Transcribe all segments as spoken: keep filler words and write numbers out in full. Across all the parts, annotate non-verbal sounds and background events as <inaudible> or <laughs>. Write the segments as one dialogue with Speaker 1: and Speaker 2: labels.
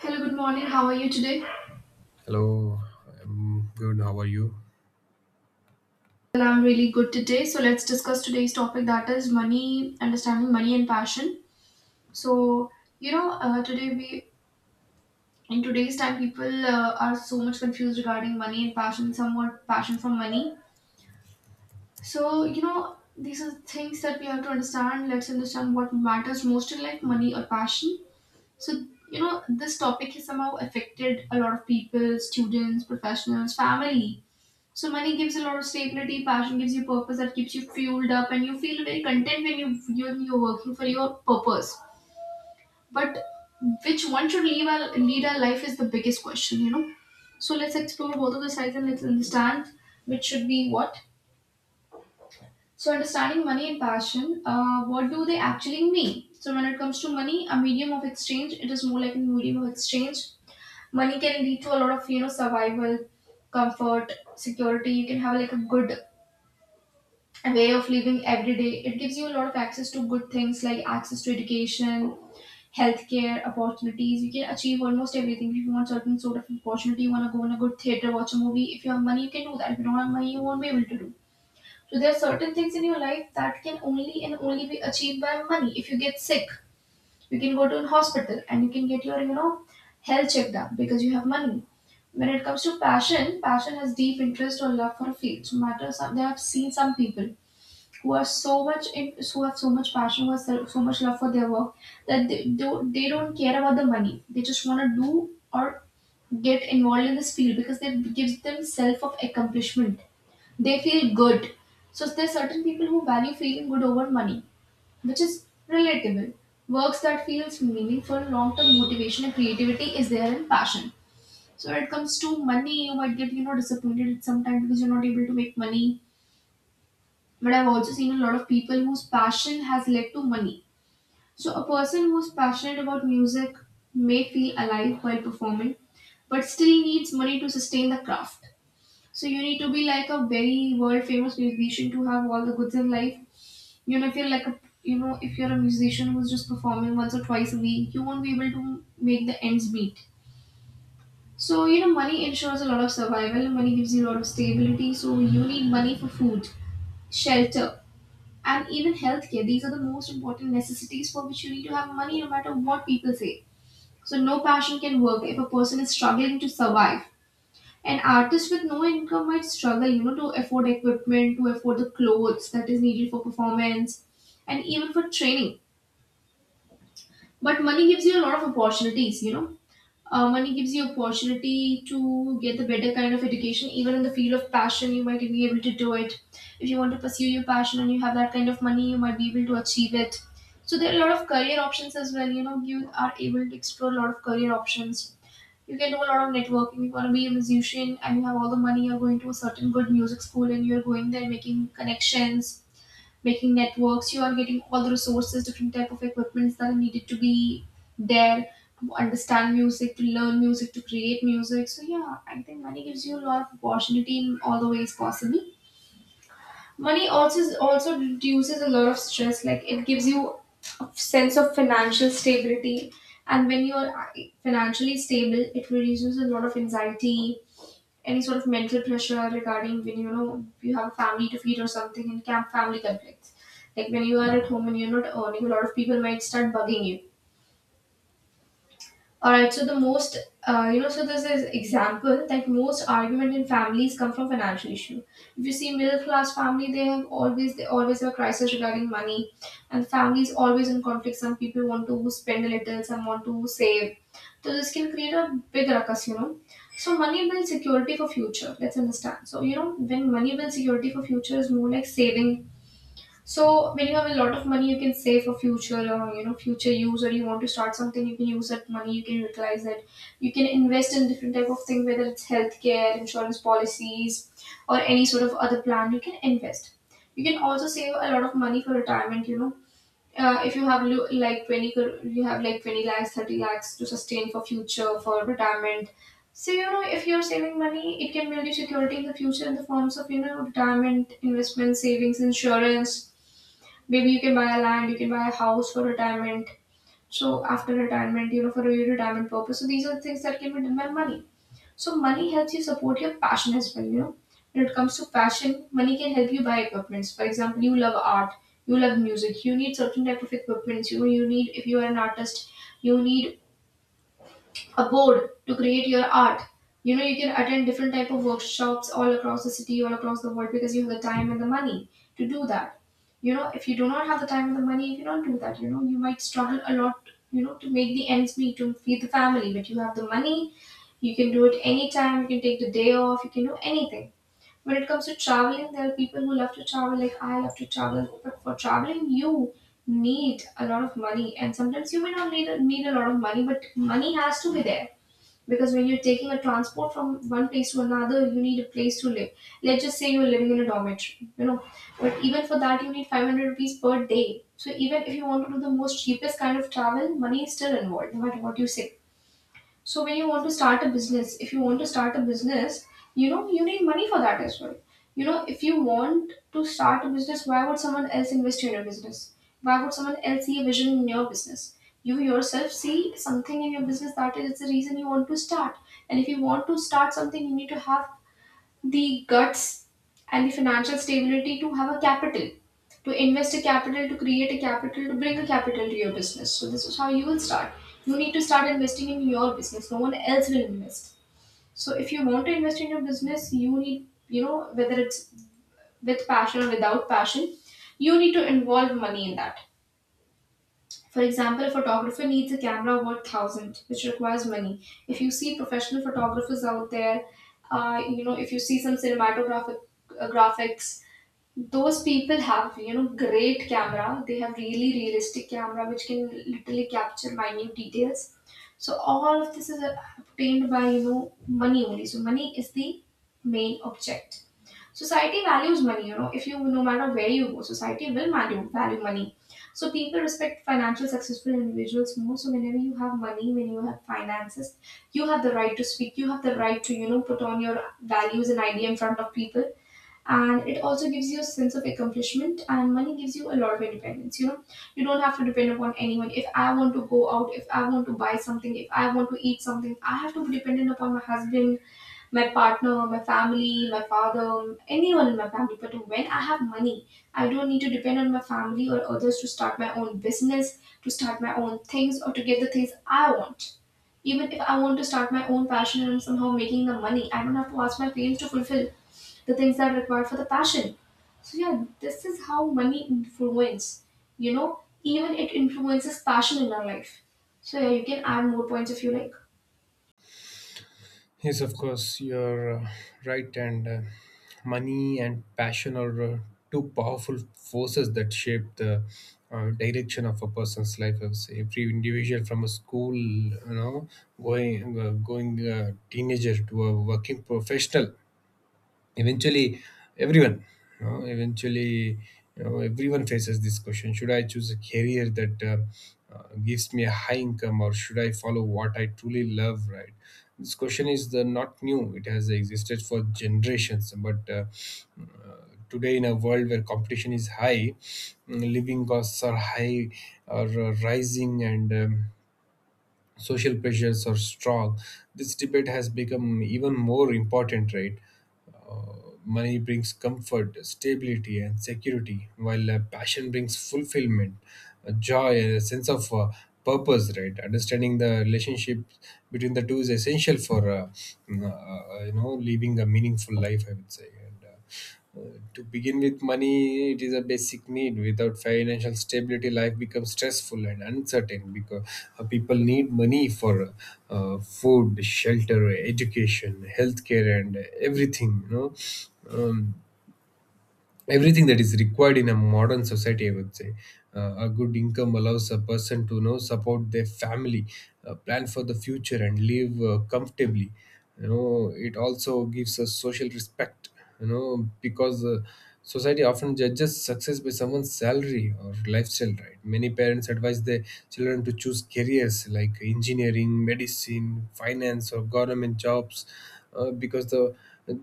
Speaker 1: Hello, good morning. How are you today?
Speaker 2: Hello, I'm good. How are you?
Speaker 1: Well, I'm really good today. So let's discuss today's topic that is money, understanding money and passion. So you know, uh, today we in today's time people uh, are so much confused regarding money and passion. Some want passion from money. So you know, these are things that we have to understand. Let's understand what matters most in life, money or passion. So you know, this topic has somehow affected a lot of people, students, professionals, family. So money gives a lot of stability, passion gives you purpose that keeps you fueled up, and you feel very content when you you're, you're working for your purpose. But which one should leave our, lead our life is the biggest question, you know. So let's explore both of the sides and let's understand which should be what. So understanding money and passion, uh, what do they actually mean? So when it comes to money, a medium of exchange, it is more like a medium of exchange. Money can lead to a lot of, you know, survival, comfort, security. You can have like a good way of living every day. It gives you a lot of access to good things like access to education, healthcare, opportunities. You can achieve almost everything. If you want certain sort of opportunity, you want to go in a good theater, watch a movie. If you have money, you can do that. If you don't have money, you won't be able to do. So there are certain things in your life that can only and only be achieved by money. If you get sick, you can go to a hospital and you can get your, you know, health checked up because you have money. When it comes to passion, passion has deep interest or love for a field. So matter some, they have seen some people who was so much in, who have so much passion, was so so much love for their work that they, don't- they don't care about the money, they just want to do or get involved in this field because that gives them self of accomplishment, they feel good. So there are certain people who value feeling good over money, which is relatable. Works that feels meaningful, long-term motivation and creativity is there in passion. So when it comes to money, you might get, you know, disappointed at some time because you're not able to make money. But I've also seen a lot of people whose passion has led to money. So a person who's passionate about music may feel alive while performing, but still needs money to sustain the craft. So you need to be like a very world famous musician to have all the goods in life. You know, if you're like a, you know, if you're a musician who's just performing once or twice a week, you won't be able to make the ends meet. So, you know, money ensures a lot of survival, money gives you a lot of stability. So you need money for food, shelter, and even healthcare. These are the most important necessities for which you need to have money, no matter what people say. So no passion can work if a person is struggling to survive. An artist with no income might struggle, you know, to afford equipment, to afford the clothes that is needed for performance, and even for training. But money gives you a lot of opportunities, you know, uh, money gives you opportunity to get the better kind of education. Even in the field of passion, you might be able to do it. If you want to pursue your passion and you have that kind of money, you might be able to achieve it. So there are a lot of career options as well. You know, you are able to explore a lot of career options. You can do a lot of networking. You want to be a musician and you have all the money. You're going to a certain good music school and you're going there making connections, making networks, you are getting all the resources, different type of equipments that are needed to be there to understand music, to learn music, to create music. So yeah, I think money gives you a lot of opportunity in all the ways possible. Money also also reduces a lot of stress, like it gives you a sense of financial stability. And when you're uh, financially stable, it reduces a lot of anxiety, any sort of mental pressure regarding when, you know, you have a family to feed or something, and camp family conflicts. Like when you are at home and you're not earning, a lot of people might start bugging you. All right, so the most, uh, you know so there's this example that most argument in families come from financial issue. If you see middle class family, they have always they always have a crisis regarding money, and families always in conflict, some people want to spend a little, some want to save. So this can create a big ruckus, you know. So money builds security for future. Let's understand. So you know, when money builds security for future, is more like saving. So when you have a lot of money, you can save for future or, you know, future use, or you want to start something, you can use that money. You can utilize it. You can invest in different type of thing, whether it's healthcare, insurance policies, or any sort of other plan. You can invest. You can also save a lot of money for retirement. You know, uh, if you have lo- like twenty cr- you have like twenty lakhs, thirty lakhs to sustain for future for retirement. So you know, if you're saving money, it can build you security in the future in the forms of, you know, retirement, investment, savings, insurance. Maybe you can buy a land, you can buy a house for retirement. So after retirement, you know, for your retirement purpose. So these are things that can be done by money. So money helps you support your passion as well, you know. When it comes to passion, money can help you buy equipments. For example, you love art, you love music, you need certain type of equipments, you you need, if you are an artist, you need a board to create your art. You know, you can attend different type of workshops all across the city, all across the world, because you have the time and the money to do that. You know, if you do not have the time and the money, you cannot do that. You know, you might struggle a lot, you know, to make the ends meet, to feed the family. But you have the money, you can do it anytime, you can take the day off, you can do anything. When it comes to traveling, there are people who love to travel, like I love to travel. But for traveling, you need a lot of money, and sometimes you may not need need a lot of money, but money has to be there. Because when you're taking a transport from one place to another, you need a place to live. Let's just say you're living in a dormitory, you know, but even for that you need five hundred rupees per day. So even if you want to do the most cheapest kind of travel, money is still involved, no matter what you say. So when you want to start a business, if you want to start a business, you know, you need money for that as well. You know, if you want to start a business, why would someone else invest in your business? Why would someone else see a vision in your business? You yourself see something in your business, that is the reason you want to start. And if you want to start something, you need to have the guts and the financial stability to have a capital, to invest a capital, to create a capital, to bring a capital to your business. So this is how you will start. You need to start investing in your business, no one else will invest. So if you want to invest in your business, you need, you know, whether it's with passion or without passion, you need to involve money in that. For example, a photographer needs a camera worth thousand, which requires money. If you see professional photographers out there, uh, you know, if you see some cinematographic uh, graphics, those people have, you know, great camera. They have really realistic camera which can literally capture minute details. So all of this is uh, obtained by, you know, money only. So money is the main object. Society values money, you know, if you, no matter where you go, society will value value money. So people respect financial successful individuals more. So whenever you have money, when you have finances, you have the right to speak, you have the right to, you know, put on your values and idea in front of people. And it also gives you a sense of accomplishment, and money gives you a lot of independence. You know you don't have to depend upon anyone. If I want to go out, if I want to buy something, if I want to eat something, I have to be dependent upon my husband, my partner, my family, my father, anyone in my family. But when I have money, I don't need to depend on my family or others to start my own business, to start my own things, or to get the things I want. Even if I want to start my own passion and I'm somehow making the money, I don't have to ask my parents to fulfill the things that are required for the passion. So yeah, this is how money influence. You know, even it influences passion in our life. So yeah, you can add more points if you like.
Speaker 2: Yes, of course, you're uh, right. And uh, money and passion are uh, two powerful forces that shape the uh, direction of a person's life. I would say every individual from a school you know, going uh, going uh, teenager to a working professional, eventually everyone you know, eventually you know everyone faces this question: should I choose a career that uh, uh, gives me a high income, or should I follow what I truly love, right? This question is the not new. It has existed for generations, but uh, uh, today in a world where competition is high, mm, living costs are high or uh, rising, and um, social pressures are strong. This debate has become even more important, right? Uh, Money brings comfort, stability, and security, while uh, passion brings fulfillment, uh, joy, and a sense of uh, purpose, right? Understanding the relationship between the two is essential for, uh, uh, you know, living a meaningful life, I would say. And, uh, uh, to begin with, money it is a basic need. Without financial stability, life becomes stressful and uncertain because uh, people need money for uh, food, shelter, education, healthcare, and everything. You know. Um, Everything that is required in a modern society, I would say. Uh, a good income allows a person to you know support their family, uh, plan for the future, and live uh, comfortably. You know it also gives us social respect, you know because uh, society often judges success by someone's salary or lifestyle, right. Many parents advise their children to choose careers like engineering, medicine, finance, or government jobs, uh, because the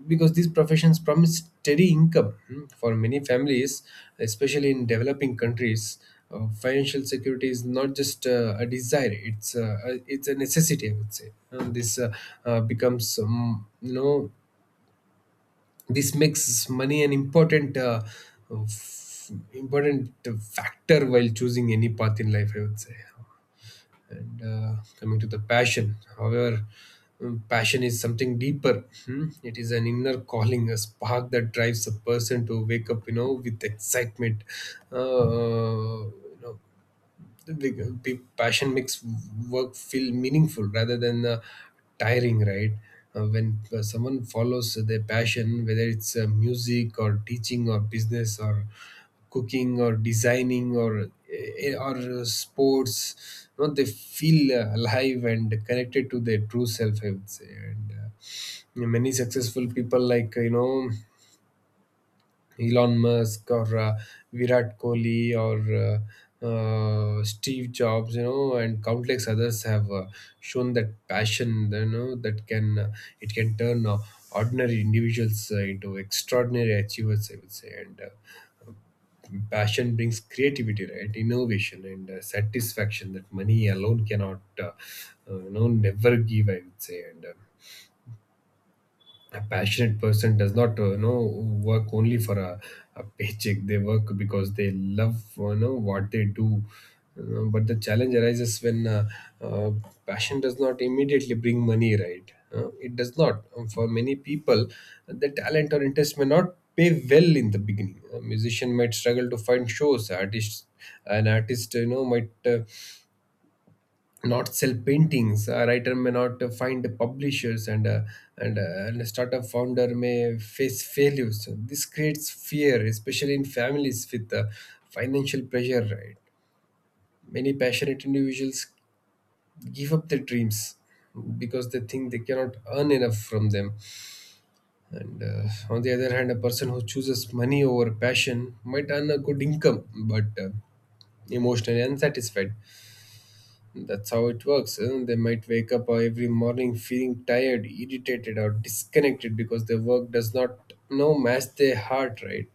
Speaker 2: because these professions promise steady income, mm, for many families, especially in developing countries. Uh, financial security is not just uh, a desire; it's uh, a, it's a necessity. I would say, and this uh, uh, becomes um, you know this makes money an important uh, f- important factor while choosing any path in life. I would say. And uh, coming to the passion, however, um, passion is something deeper. Hmm? It is an inner calling, a spark that drives a person to wake up you know with excitement. uh, you know the pe- Passion makes work feel meaningful rather than uh, tiring, right. Uh, when uh, someone follows their passion, whether it's uh, music or teaching or business or cooking or designing or eh, eh, or uh, sports, you know, they feel uh, alive and connected to their true self, I would say. And uh, many successful people, like you know Elon Musk or uh, Virat Kohli or uh, uh, Steve Jobs, you know, and countless others, have uh, shown that passion, you know, that can uh, it can turn uh, ordinary individuals uh, into extraordinary achievers, I would say. And. Uh, passion brings creativity, right innovation, and uh, satisfaction that money alone cannot uh, uh, you know never give, I would say. And uh, a passionate person does not uh, you know work only for a, a paycheck. They work because they love you know what they do. Uh, but the challenge arises when uh, uh, passion does not immediately bring money, right? Uh, it does not. Um, for many people, the talent or interest may not pay well in the beginning. A musician might struggle to find shows. Artists An artist you know might uh, not sell paintings. A writer may not uh, find publishers, and uh, and, uh, and a startup founder may face failures. So this creates fear, especially in families with uh, financial pressure. Right. Many passionate individuals give up their dreams because they think they cannot earn enough from them. And uh, on the other hand, a person who chooses money over passion might earn a good income, but uh, emotionally unsatisfied. That's how it works, eh? They might wake up uh, every morning feeling tired, irritated, or disconnected because their work does not you know match their heart. Right.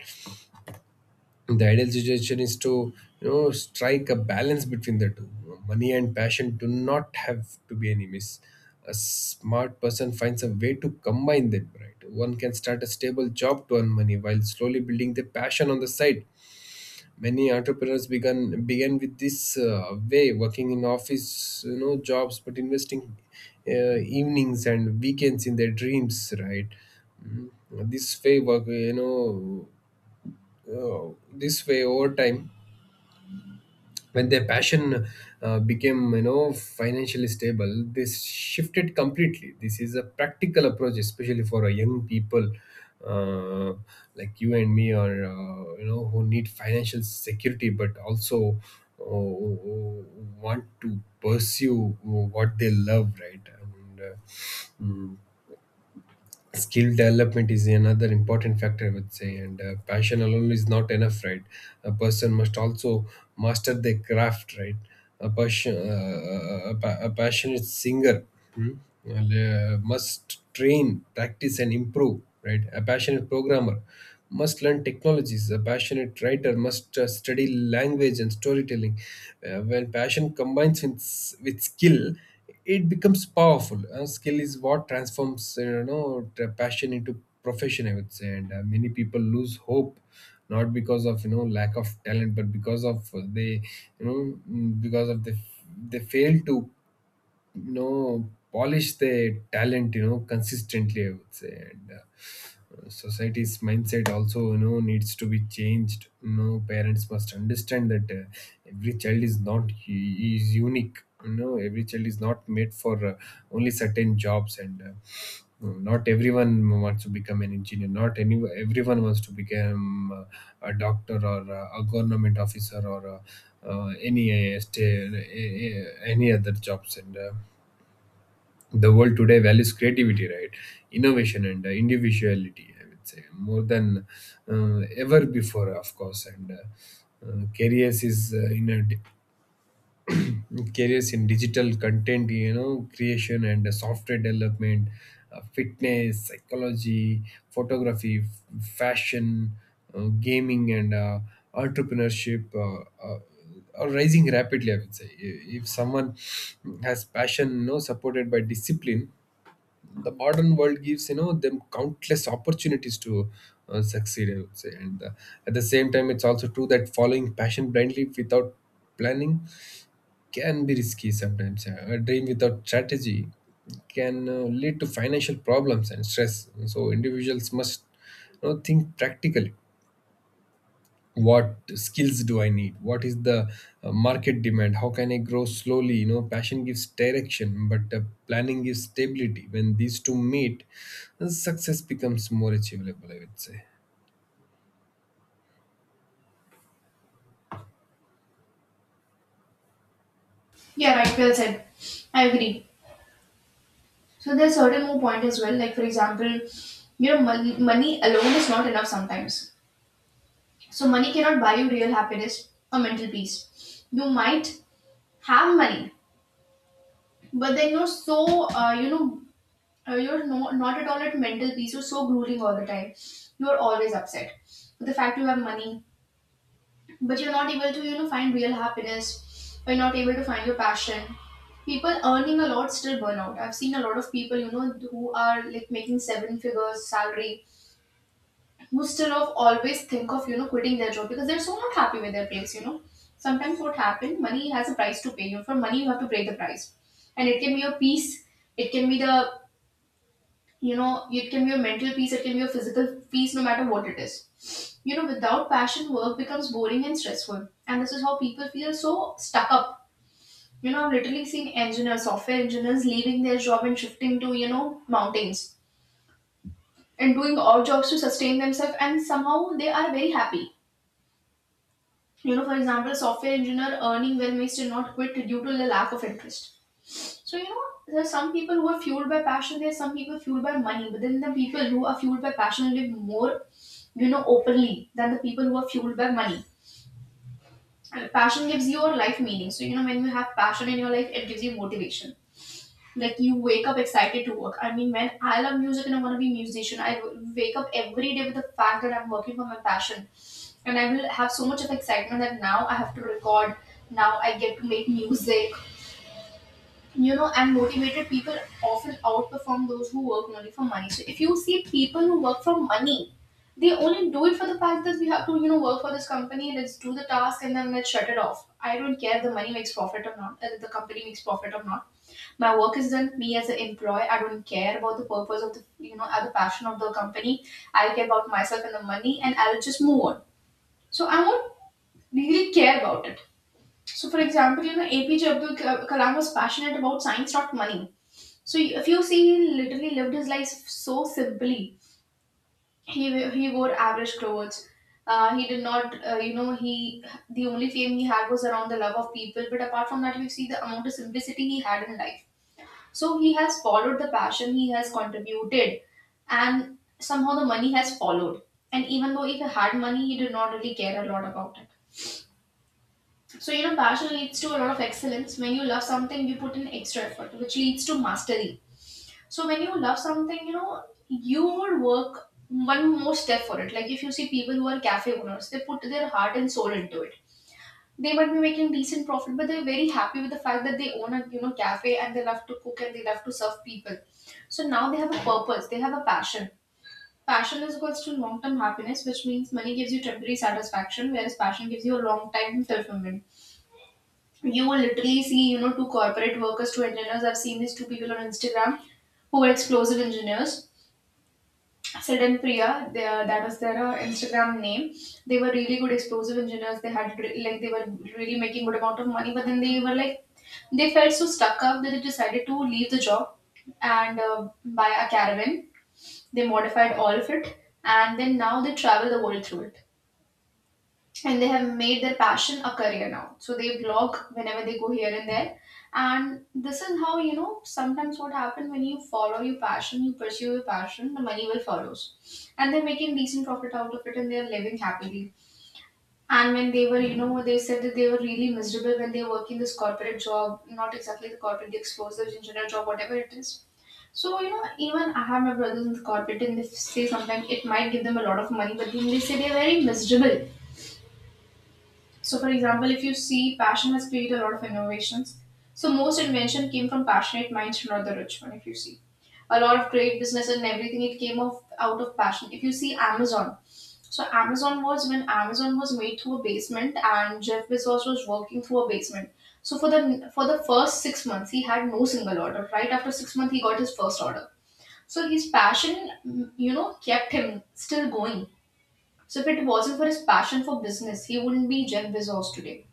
Speaker 2: The ideal situation is to you know strike a balance between the two. Money and passion do not have to be enemies. A smart person finds a way to combine them. Right. One can start a stable job to earn money while slowly building their passion on the side. Many entrepreneurs began began with this uh, way, working in office, you know, jobs, but investing uh, evenings and weekends in their dreams. Right. Mm, this way work, you know, uh, This way, over time, when their passion uh, became you know financially stable, they shifted completely. This is a practical approach, especially for a young people, uh, like you and me, or uh, you know who need financial security but also uh, want to pursue what they love, right. And uh, mm, skill development is another important factor, I would say. And uh, passion alone is not enough, right. A person must also master their craft, right. A passion uh, a, pa- a passionate singer, hmm, uh, must train, practice, and improve, right. A passionate programmer must learn technologies. A passionate writer must uh, study language and storytelling. Uh, when passion combines with, s- with skill, it becomes powerful. Uh, skill is what transforms uh, you know the passion into profession, I would say. And uh, many people lose hope, not because of you know lack of talent but because of uh, they you know mm, because of the they fail to you know polish their talent you know consistently, I would say. And uh, society's mindset also you know needs to be changed. You know parents must understand that uh, every child is not is unique. You know every child is not made for uh, only certain jobs. And uh, not everyone wants to become an engineer. Not any everyone wants to become uh, a doctor or uh, a government officer or uh, uh, any uh, sta- uh, any other jobs. And uh, the world today values creativity, right innovation, and uh, individuality, I would say, more than uh, ever before, of course. And uh, uh, careers is uh, in a di- careers in digital content you know creation and uh, software development, uh, fitness, psychology, photography, f- fashion, uh, gaming, and uh, entrepreneurship uh, uh, are rising rapidly, I would say. If if someone has passion, you know supported by discipline, the modern world gives you know them countless opportunities to uh, succeed, I would say. And uh, at the same time, it's also true that following passion blindly without planning can be risky sometimes. Uh, a dream without strategy can uh, lead to financial problems and stress. So individuals must you know think practically. What skills do I need? What is the uh, market demand? How can I grow slowly? You know passion gives direction, but uh, planning gives stability. When these two meet, uh, success becomes more achievable, I would say.
Speaker 1: Yeah, right. Well said. I agree. So there's certain more point as well. Like for example, you know, money, money alone is not enough sometimes. So money cannot buy you real happiness or mental peace. You might have money, but then you're so uh, you know uh, you're no, not at all at mental peace. You're so grueling all the time. You're always upset with the fact you have money, but you're not able to you know find real happiness. Or you're not able to find your passion. People earning a lot still burn out. I've seen a lot of people, you know, who are like making seven figures salary. Instead of always think of you know quitting their job because they're so not happy with their place. You know, sometimes what happen, money has a price to pay. You know, for money you have to pay the price, and it can be your peace, it can be the you know, it can be your mental peace, it can be your physical peace, no matter what it is. You know, without passion, work becomes boring and stressful, and this is how people feel so stuck up. You know, I've literally seen engineers, software engineers leaving their job and shifting to you know mountains and doing odd jobs to sustain themselves, and somehow they are very happy. You know, for example, software engineer earning well may still not quit due to the lack of interest. So you know there are some people who are fueled by passion, there are some people fueled by money, but then the people who are fueled by passion live more you know openly than the people who are fueled by money. And passion gives you your life meaning. So you know when you have passion in your life it gives you motivation, like you wake up excited to work. I mean, man, I love music and I want to be a musician. I w- wake up every day with the fact that I'm working for my passion, and I will have so much of excitement that now I have to record, now I get to make music. You know, and motivated people often outperform those who work only for money. So if you see people who work for money, they only do it for the fact that we have to you know work for this company. Let's do the task and then let's shut it off. I don't care if the money makes profit or not, uh, the company makes profit or not. My work is done. Me as an employee, I don't care about the purpose of the you know or the passion of the company. I care about myself and the money, and I'll just move on. So I won't really care about it. So for example, you know, APJ Abdul Kalam was passionate about science, not money. So if you see, he literally lived his life so simply. He he wore average clothes. Uh, he did not uh, you know he The only fame he had was around the love of people, but apart from that, you see the amount of simplicity he had in life. So he has followed the passion, he has contributed, and somehow the money has followed. And even though if he had money, he did not really care a lot about it. So, you know, passion leads to a lot of excellence. When you love something, you put in extra effort, which leads to mastery. So, when you love something, you know, you will work one more step for it. Like if you see people who are cafe owners, they put their heart and soul into it. They might be making decent profit, but they're very happy with the fact that they own a you know cafe, and they love to cook and they love to serve people. So now they have a purpose, they have a passion. Passion is equals to long term happiness, which means money gives you temporary satisfaction, whereas passion gives you a long time fulfillment. You will literally see you know two corporate workers, two engineers. I've seen these two people on Instagram who are explosive engineers. Sid and Priya, they, uh, that was their uh, Instagram name. They were really good explosive engineers. They had re- like they were really making good amount of money, but then they were like they felt so stuck up that they decided to leave the job and uh, buy a caravan. They modified all of it, and then now they travel the world through it, and they have made their passion a career now. So they vlog whenever they go here and there. And this is how you know sometimes what happens when you follow your passion, you pursue your passion, the money will follows. And they're making decent profit out of it, and they're living happily. And when they were you know they said that they were really miserable when they were working this corporate job, not exactly the corporate, the explosives engineer job, whatever it is. So you know even I have my brothers in the corporate, and they say sometimes it might give them a lot of money, but then they say they're very miserable. So, for example, if you see, passion has created a lot of innovations. So, most invention came from passionate minds, not the rich one. If you see, a lot of great business and everything, it came of out of passion. If you see Amazon, so Amazon was when Amazon was made through a basement, and Jeff Bezos was working through a basement. So for the for the first six months, he had no single order. Right after six months, he got his first order. So his passion, mm, you know, kept him still going. So if it wasn't for his passion for business, he wouldn't be Jeff Bezos today.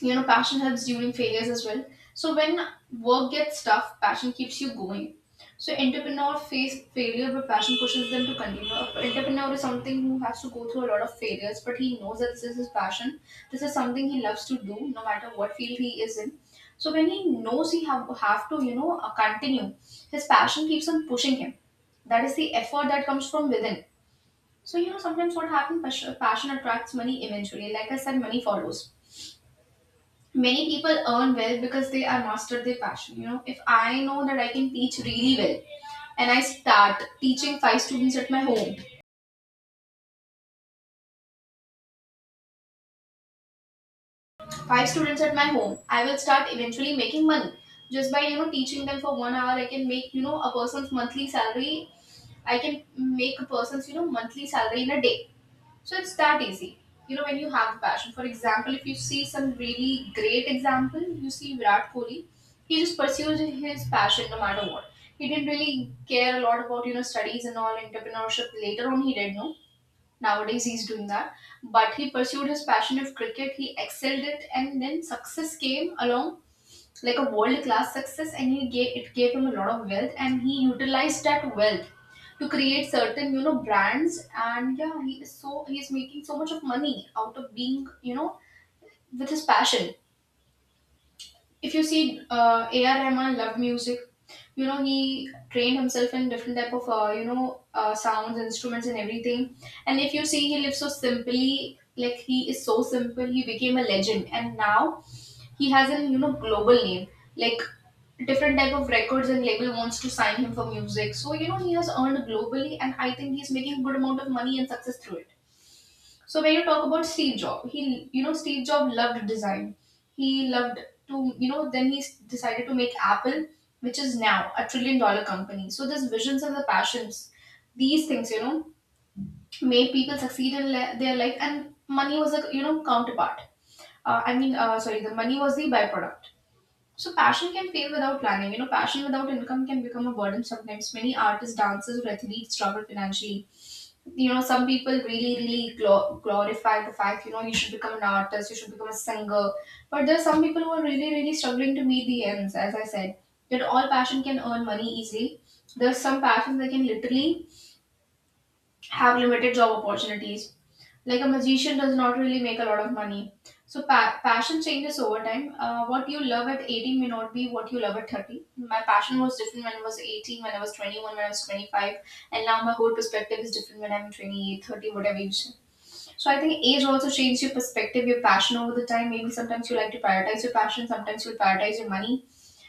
Speaker 1: You know, passion helps during failures as well. So when work gets tough, passion keeps you going. So entrepreneur face failure, but passion pushes them to continue. A entrepreneur is something who has to go through a lot of failures, but he knows that this is his passion, this is something he loves to do no matter what field he is in. So when he knows he have, have to you know uh, continue, his passion keeps on pushing him. That is the effort that comes from within. So you know sometimes what happens, passion attracts money eventually, like I said, money follows. Many people earn well because they are mastered their passion. You know, if I know that I can teach really well and I start teaching five students at my home five students at my home, I will start eventually making money. Just by you know teaching them for one hour, I can make you know a person's monthly salary. I can make a person's you know monthly salary in a day. So it's that easy. You know, when you have the passion. For example, if you see some really great example, you see Virat Kohli, he just pursued his passion no matter what. He didn't really care a lot about, you know, studies and all entrepreneurship. Later on he did know. Nowadays he's doing that. But he pursued his passion of cricket, he excelled it, and then success came along, like a world class success, and he gave it gave him a lot of wealth, and he utilized that wealth to create certain you know brands. And yeah, he is so he is making so much of money out of being you know with his passion. If you see, uh, AR Rahman loved music. You know he trained himself in different type of uh, you know uh, sounds, instruments, and everything. And if you see, he lives so simply, like he is so simple, he became a legend, and now he has a you know global name, like different type of records and label wants to sign him for music. So you know he has earned globally, and I think he's making a good amount of money and success through it. So when you talk about Steve Jobs, he you know Steve Jobs loved design. He loved to, you know then he s- decided to make Apple, which is now a trillion dollar company. So these visions and the passions, these things you know made people succeed in le- their life, and money was a you know counterpart. uh, I mean, uh, sorry, the money was the byproduct. So passion can fail without planning. You know, passion without income can become a burden sometimes. Many artists, dancers, or athletes struggle financially. You know, some people really, really glo- glorify the fact, you know, you should become an artist, you should become a singer. But there are some people who are really, really struggling to meet the ends, as I said. That all passion can earn money easily. There's some passions that can literally have limited job opportunities, like a magician does not really make a lot of money. So pa- passion changes over time. Uh, what you love at eighteen may not be what you love at thirty. My passion was different when I was eighteen, when I was twenty-one, when I was twenty-five, and now my whole perspective is different when I'm 28 30 whatever you say. So I think age also changes your perspective, your passion over the time. Maybe sometimes you like to prioritize your passion, sometimes you'll prioritize your money.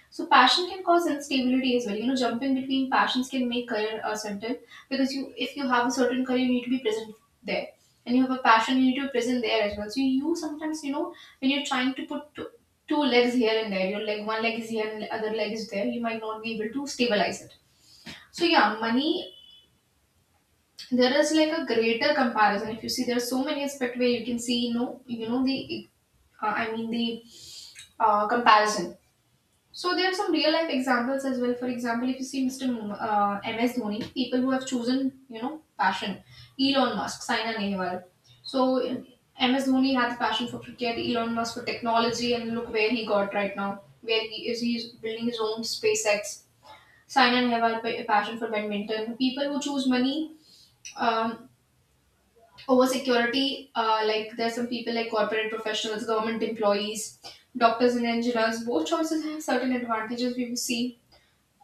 Speaker 1: So passion can cause instability as well. You know, jumping between passions can make career uncertain, because you, if you have a certain career, you need to be present there, and you have a passion, you need to be present there as well. So you sometimes, you know, when you're trying to put two, two legs here and there, your leg one leg is here and the other leg is there, you might not be able to stabilize it. So yeah, money. There is like a greater comparison. If you see, there are so many aspect where you can see, you know, you know the, uh, I mean, the uh, comparison. So there are some real life examples as well. For example, if you see mister Mo- uh, M S Dhoni, people who have chosen you know passion, Elon Musk, Saina Nehwal. So M S Dhoni had the passion for cricket, Elon Musk for technology, and look where he got right now. Where he is, he's building his own SpaceX. Saina Nehwal pa- a passion for badminton. People who choose money, um, over security, uh, like there's some people like corporate professionals, government employees, doctors and engineers. Both choices have certain advantages, we will see.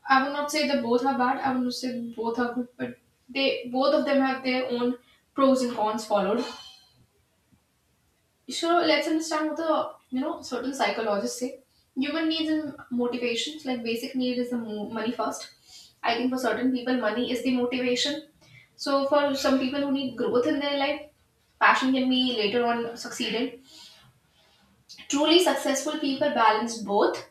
Speaker 1: I would not say that both are bad. I would not say that both are good, but they both of them have their own pros and cons followed. So let's understand what the you know certain psychologists say. Human needs and motivations, like basic need is the mo- money first. I think for certain people, money is the motivation. So for some people who need growth in their life, passion can be later on succeeded. Truly successful people balance both.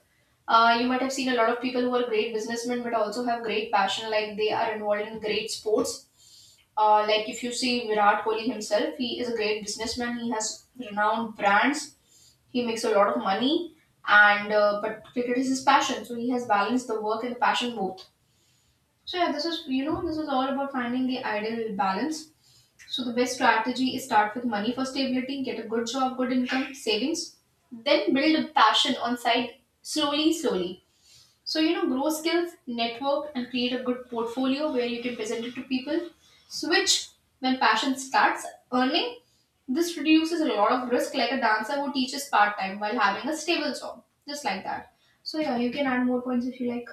Speaker 1: Uh, you might have seen a lot of people who are great businessmen but also have great passion, like they are involved in great sports. Uh, like if you see Virat Kohli himself, he is a great businessman. He has renowned brands. He makes a lot of money, and uh, but cricket is his passion, so he has balanced the work and the passion both. So yeah, this is you know this is all about finding the ideal balance. So the best strategy is start with money for stability, get a good job, good income, savings, then build a passion on side slowly, slowly. So you know, grow skills, network, and create a good portfolio where you can present it to people. Switch when passion starts earning. This reduces a lot of risk, like a dancer who teaches part time while having a stable job, just like that. So yeah, you can add more points if you like.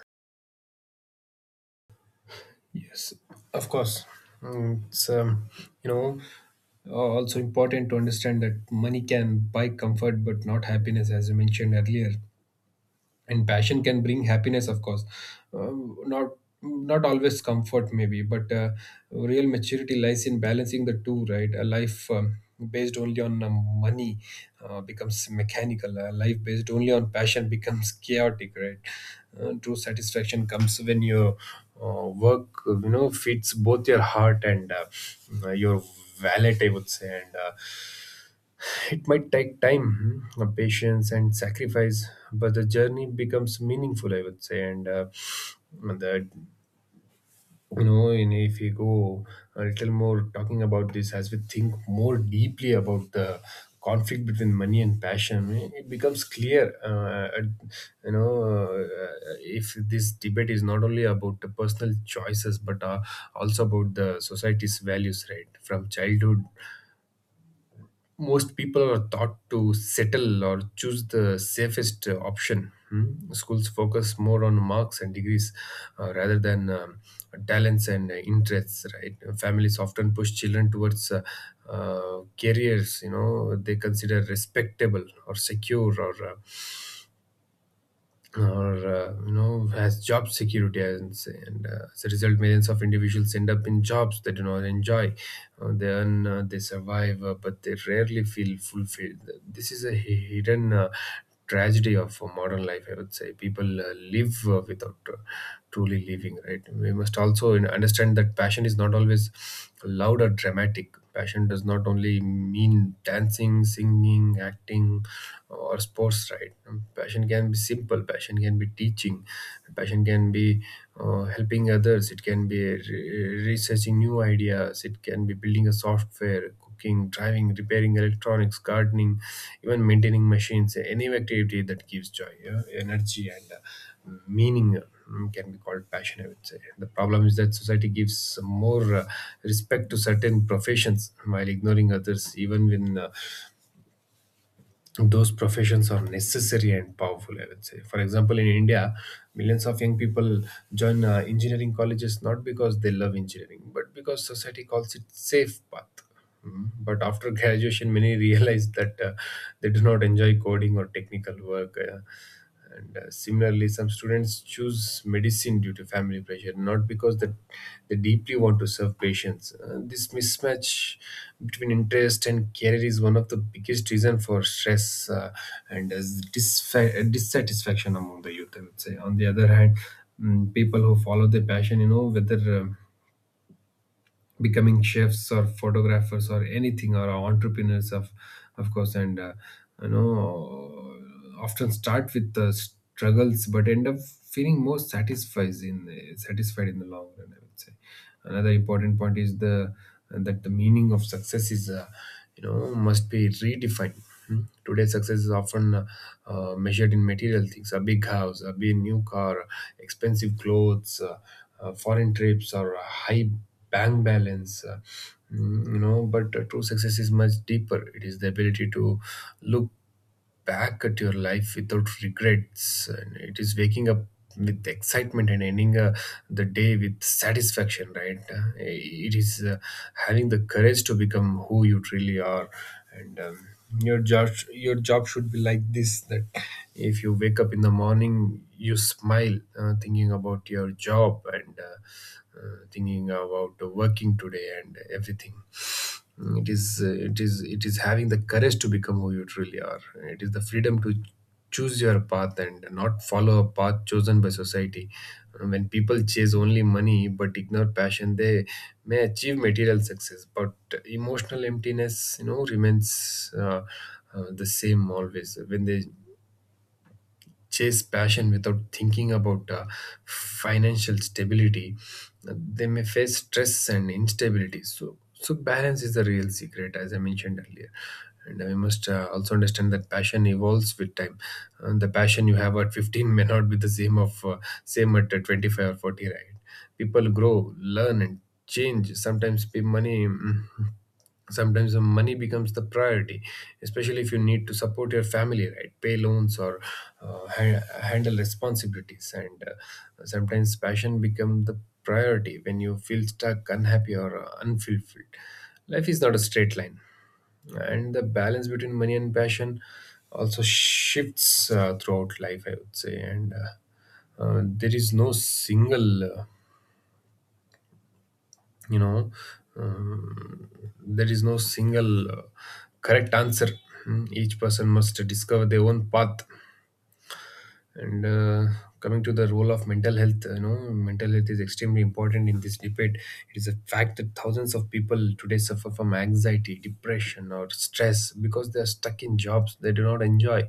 Speaker 2: Yes, of course. Mm, it's um, you know also important to understand that money can buy comfort but not happiness, as you mentioned earlier. And passion can bring happiness, of course. um, not not always comfort, maybe, but uh, real maturity lies in balancing the two, right. A life um, based only on um, money uh, becomes mechanical. A life based only on passion <laughs> becomes chaotic, right. Uh, true satisfaction comes when your uh, work you know feeds both your heart and uh, your wallet, I would say. And uh, it might take time, hmm, uh, patience, and sacrifice, but the journey becomes meaningful, I would say. And uh, that, you know, and if we go a little more talking about this, as we think more deeply about the conflict between money and passion, eh, it becomes clear, uh, at- you know, uh, if this debate is not only about the personal choices, but uh, also about the society's values, right? From childhood, most people are taught to settle or choose the safest uh, option. Hmm? Schools focus more on marks and degrees uh, rather than um, talents and uh, interests. Right? Families often push children towards uh, uh, careers. You know, they consider respectable or secure or uh, or uh, you know has job security, I would say. And uh, as a result, millions of individuals end up in jobs they do not enjoy. Uh, they earn, uh, they survive, uh, but they rarely feel fulfilled. This is a hi- hidden uh, tragedy of uh, modern life, I would say. People uh, live uh, without uh, truly living, right. We must also you know, understand that passion is not always loud or dramatic. Passion does not only mean dancing, singing, acting, or sports, right? Passion can be simple, passion can be teaching, passion can be uh, helping others, it can be re- researching new ideas, it can be building a software, cooking, driving, repairing electronics, gardening, even maintaining machines, any activity that gives joy, yeah, energy, and uh, meaning. uh, Can be called passion, I would say. The problem is that society gives more uh, respect to certain professions while ignoring others, even when uh, those professions are necessary and powerful, I would say. For example, in India, millions of young people join uh, engineering colleges, not because they love engineering, but because society calls it safe path. Mm, but after <laughs> graduation, many realize that uh, they do not enjoy coding or technical work, uh, and uh, similarly, some students choose medicine due to family pressure, not because that they deeply want to serve patients. Uh, this mismatch between interest and career is one of the biggest reason for stress, uh, and as disfa- uh, dissatisfaction among the youth, I would say. On the other hand, mm, people who follow their passion, you know, whether um, becoming chefs or photographers or anything or entrepreneurs, of of course, and uh, you know often start with the struggles but end up feeling more satisfied in satisfied in the long run, I would say. Another important point is the that the meaning of success is uh, you know must be redefined. Hmm. Today, success is often uh, uh, measured in material things: a big house, a big new car, expensive clothes, uh, uh, foreign trips, or a high bank balance, uh, mm, you know but uh, true success is much deeper. It is the ability to look back at your life without regrets, and it is waking up with excitement and ending uh, the day with satisfaction, right? Uh, it is uh, having the courage to become who you truly are, and um, your job your job should be like this, that if you wake up in the morning, you smile uh, thinking about your job, and uh, uh, thinking about working today and everything. It is uh, it is it is having the courage to become who you truly are. It is the freedom to choose your path and not follow a path chosen by society. Uh, when people chase only money but ignore passion, they may achieve material success but emotional emptiness, you know, remains uh, uh, the same always. When they chase passion without thinking about uh, financial stability, they may face stress and instability. So, so balance is the real secret, as I mentioned earlier. And we must uh, also understand that passion evolves with time. And the passion you have at fifteen may not be the same of uh, same at uh, twenty-five or forty, right? People grow, learn, and change. Sometimes pay money. Mm, sometimes the money becomes the priority, especially if you need to support your family, right? Pay loans or uh, ha- handle responsibilities. And uh, sometimes passion becomes the priority when you feel stuck, unhappy, or uh, unfulfilled. Life is not a straight line, and the balance between money and passion also shifts uh, throughout life, I would say. And uh, uh, there is no single uh, you know um, there is no single uh, correct answer. Hmm, each person must discover their own path. And uh, coming to the role of mental health, you know, mental health is extremely important in this debate. It is a fact that thousands of people today suffer from anxiety, depression, or stress because they are stuck in jobs they do not enjoy.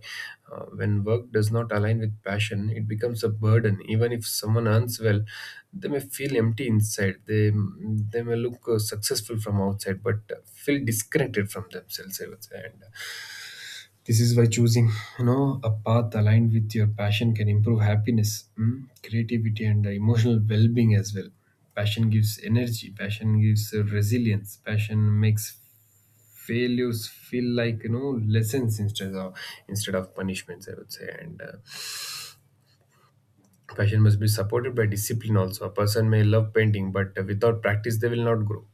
Speaker 2: Uh, when work does not align with passion, it becomes a burden. Even if someone earns well, they may feel empty inside. They they may look uh, successful from outside, but uh, feel disconnected from themselves, I would say. And uh, this is why choosing, you know, a path aligned with your passion can improve happiness, mm, creativity, and uh, emotional well-being as well. Passion gives energy. Passion gives uh, resilience. Passion makes failures feel like, you know, lessons instead of instead of punishments, I would say. And uh, passion must be supported by discipline. Also, a person may love painting, but uh, without practice, they will not grow.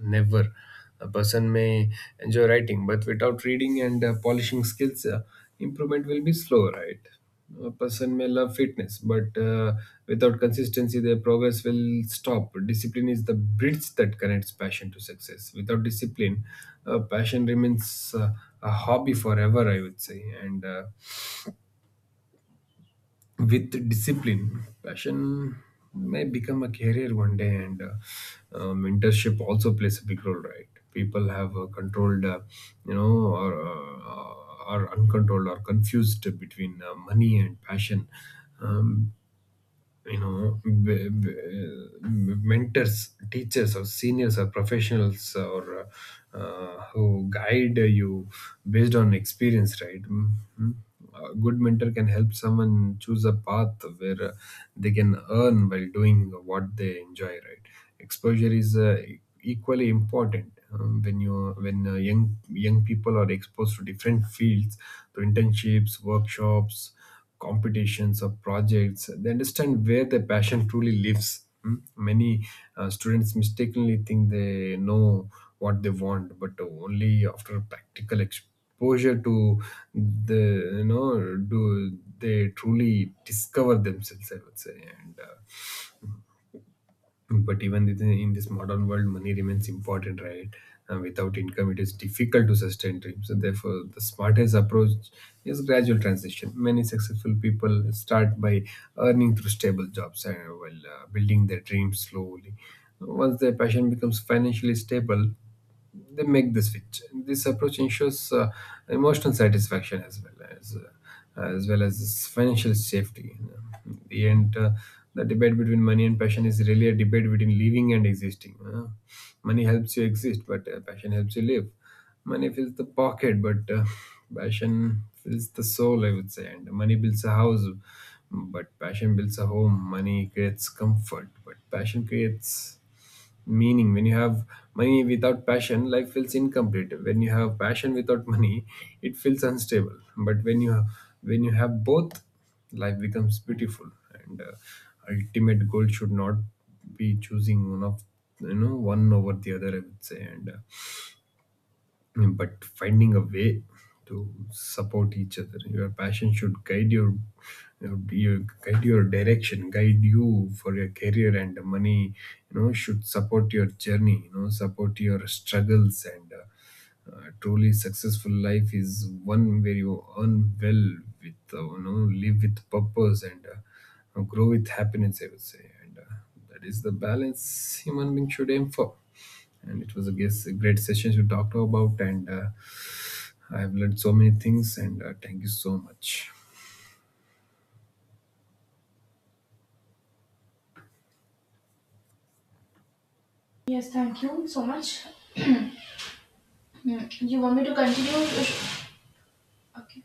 Speaker 2: Never. A person may enjoy writing, but without reading and uh, polishing skills, uh, improvement will be slow, right? A person may love fitness, but uh, without consistency, their progress will stop. Discipline is the bridge that connects passion to success. Without discipline, uh, passion remains uh, a hobby forever, I would say. And uh, with discipline, passion may become a career one day. And uh, uh, mentorship also plays a big role, right? People have uh, controlled, uh, you know or, uh, or uncontrolled, or confused between uh, money and passion. Um, you know b- b- Mentors, teachers, or seniors, or professionals, or uh, uh, who guide you based on experience, right? Mhm. A good mentor can help someone choose a path where uh, they can earn while doing what they enjoy, right? Exposure is uh, e- equally important. Um, when you when uh, young young people are exposed to different fields, to internships, workshops, competitions, or projects, they understand where their passion truly lives. Mm. Many uh, students mistakenly think they know what they want, but only after practical exposure to the you know do they truly discover themselves, I would say. And uh, but even with- in this modern world, money remains important, right? And without income, it is difficult to sustain dreams. So therefore, the smartest approach is gradual transition. Many successful people start by earning through stable jobs, and uh, while uh, building their dreams slowly. Once their passion becomes financially stable, they make the switch. This approach ensures uh, emotional satisfaction as well as uh, as well as financial safety. In the end, uh, the debate between money and passion is really a debate between living and existing. uh. Money helps you exist, but uh, passion helps you live. Money fills the pocket, but uh, passion fills the soul, I would say. And money builds a house, but passion builds a home. Money creates comfort, but passion creates meaning. When you have money without passion, life feels incomplete. When you have passion without money, it feels unstable. But when you when you have both, life becomes beautiful. And uh, ultimate goal should not be choosing one of you know one over the other, I would say. And uh, but finding a way to support each other. Your passion should guide your, your your- guide your direction, guide you for your career, and money, you know, should support your journey, you know, support your struggles. And uh, a truly successful life is one where you earn well, with, uh, you know, live with purpose, and uh, grow with happiness, I would say. And uh, that is the balance human being should aim for. And it was, I guess, a great session you talked about. And uh, I have learned so many things. And uh, thank you so much.
Speaker 1: Yes, thank you so much. Hmm, You want me to continue? Okay.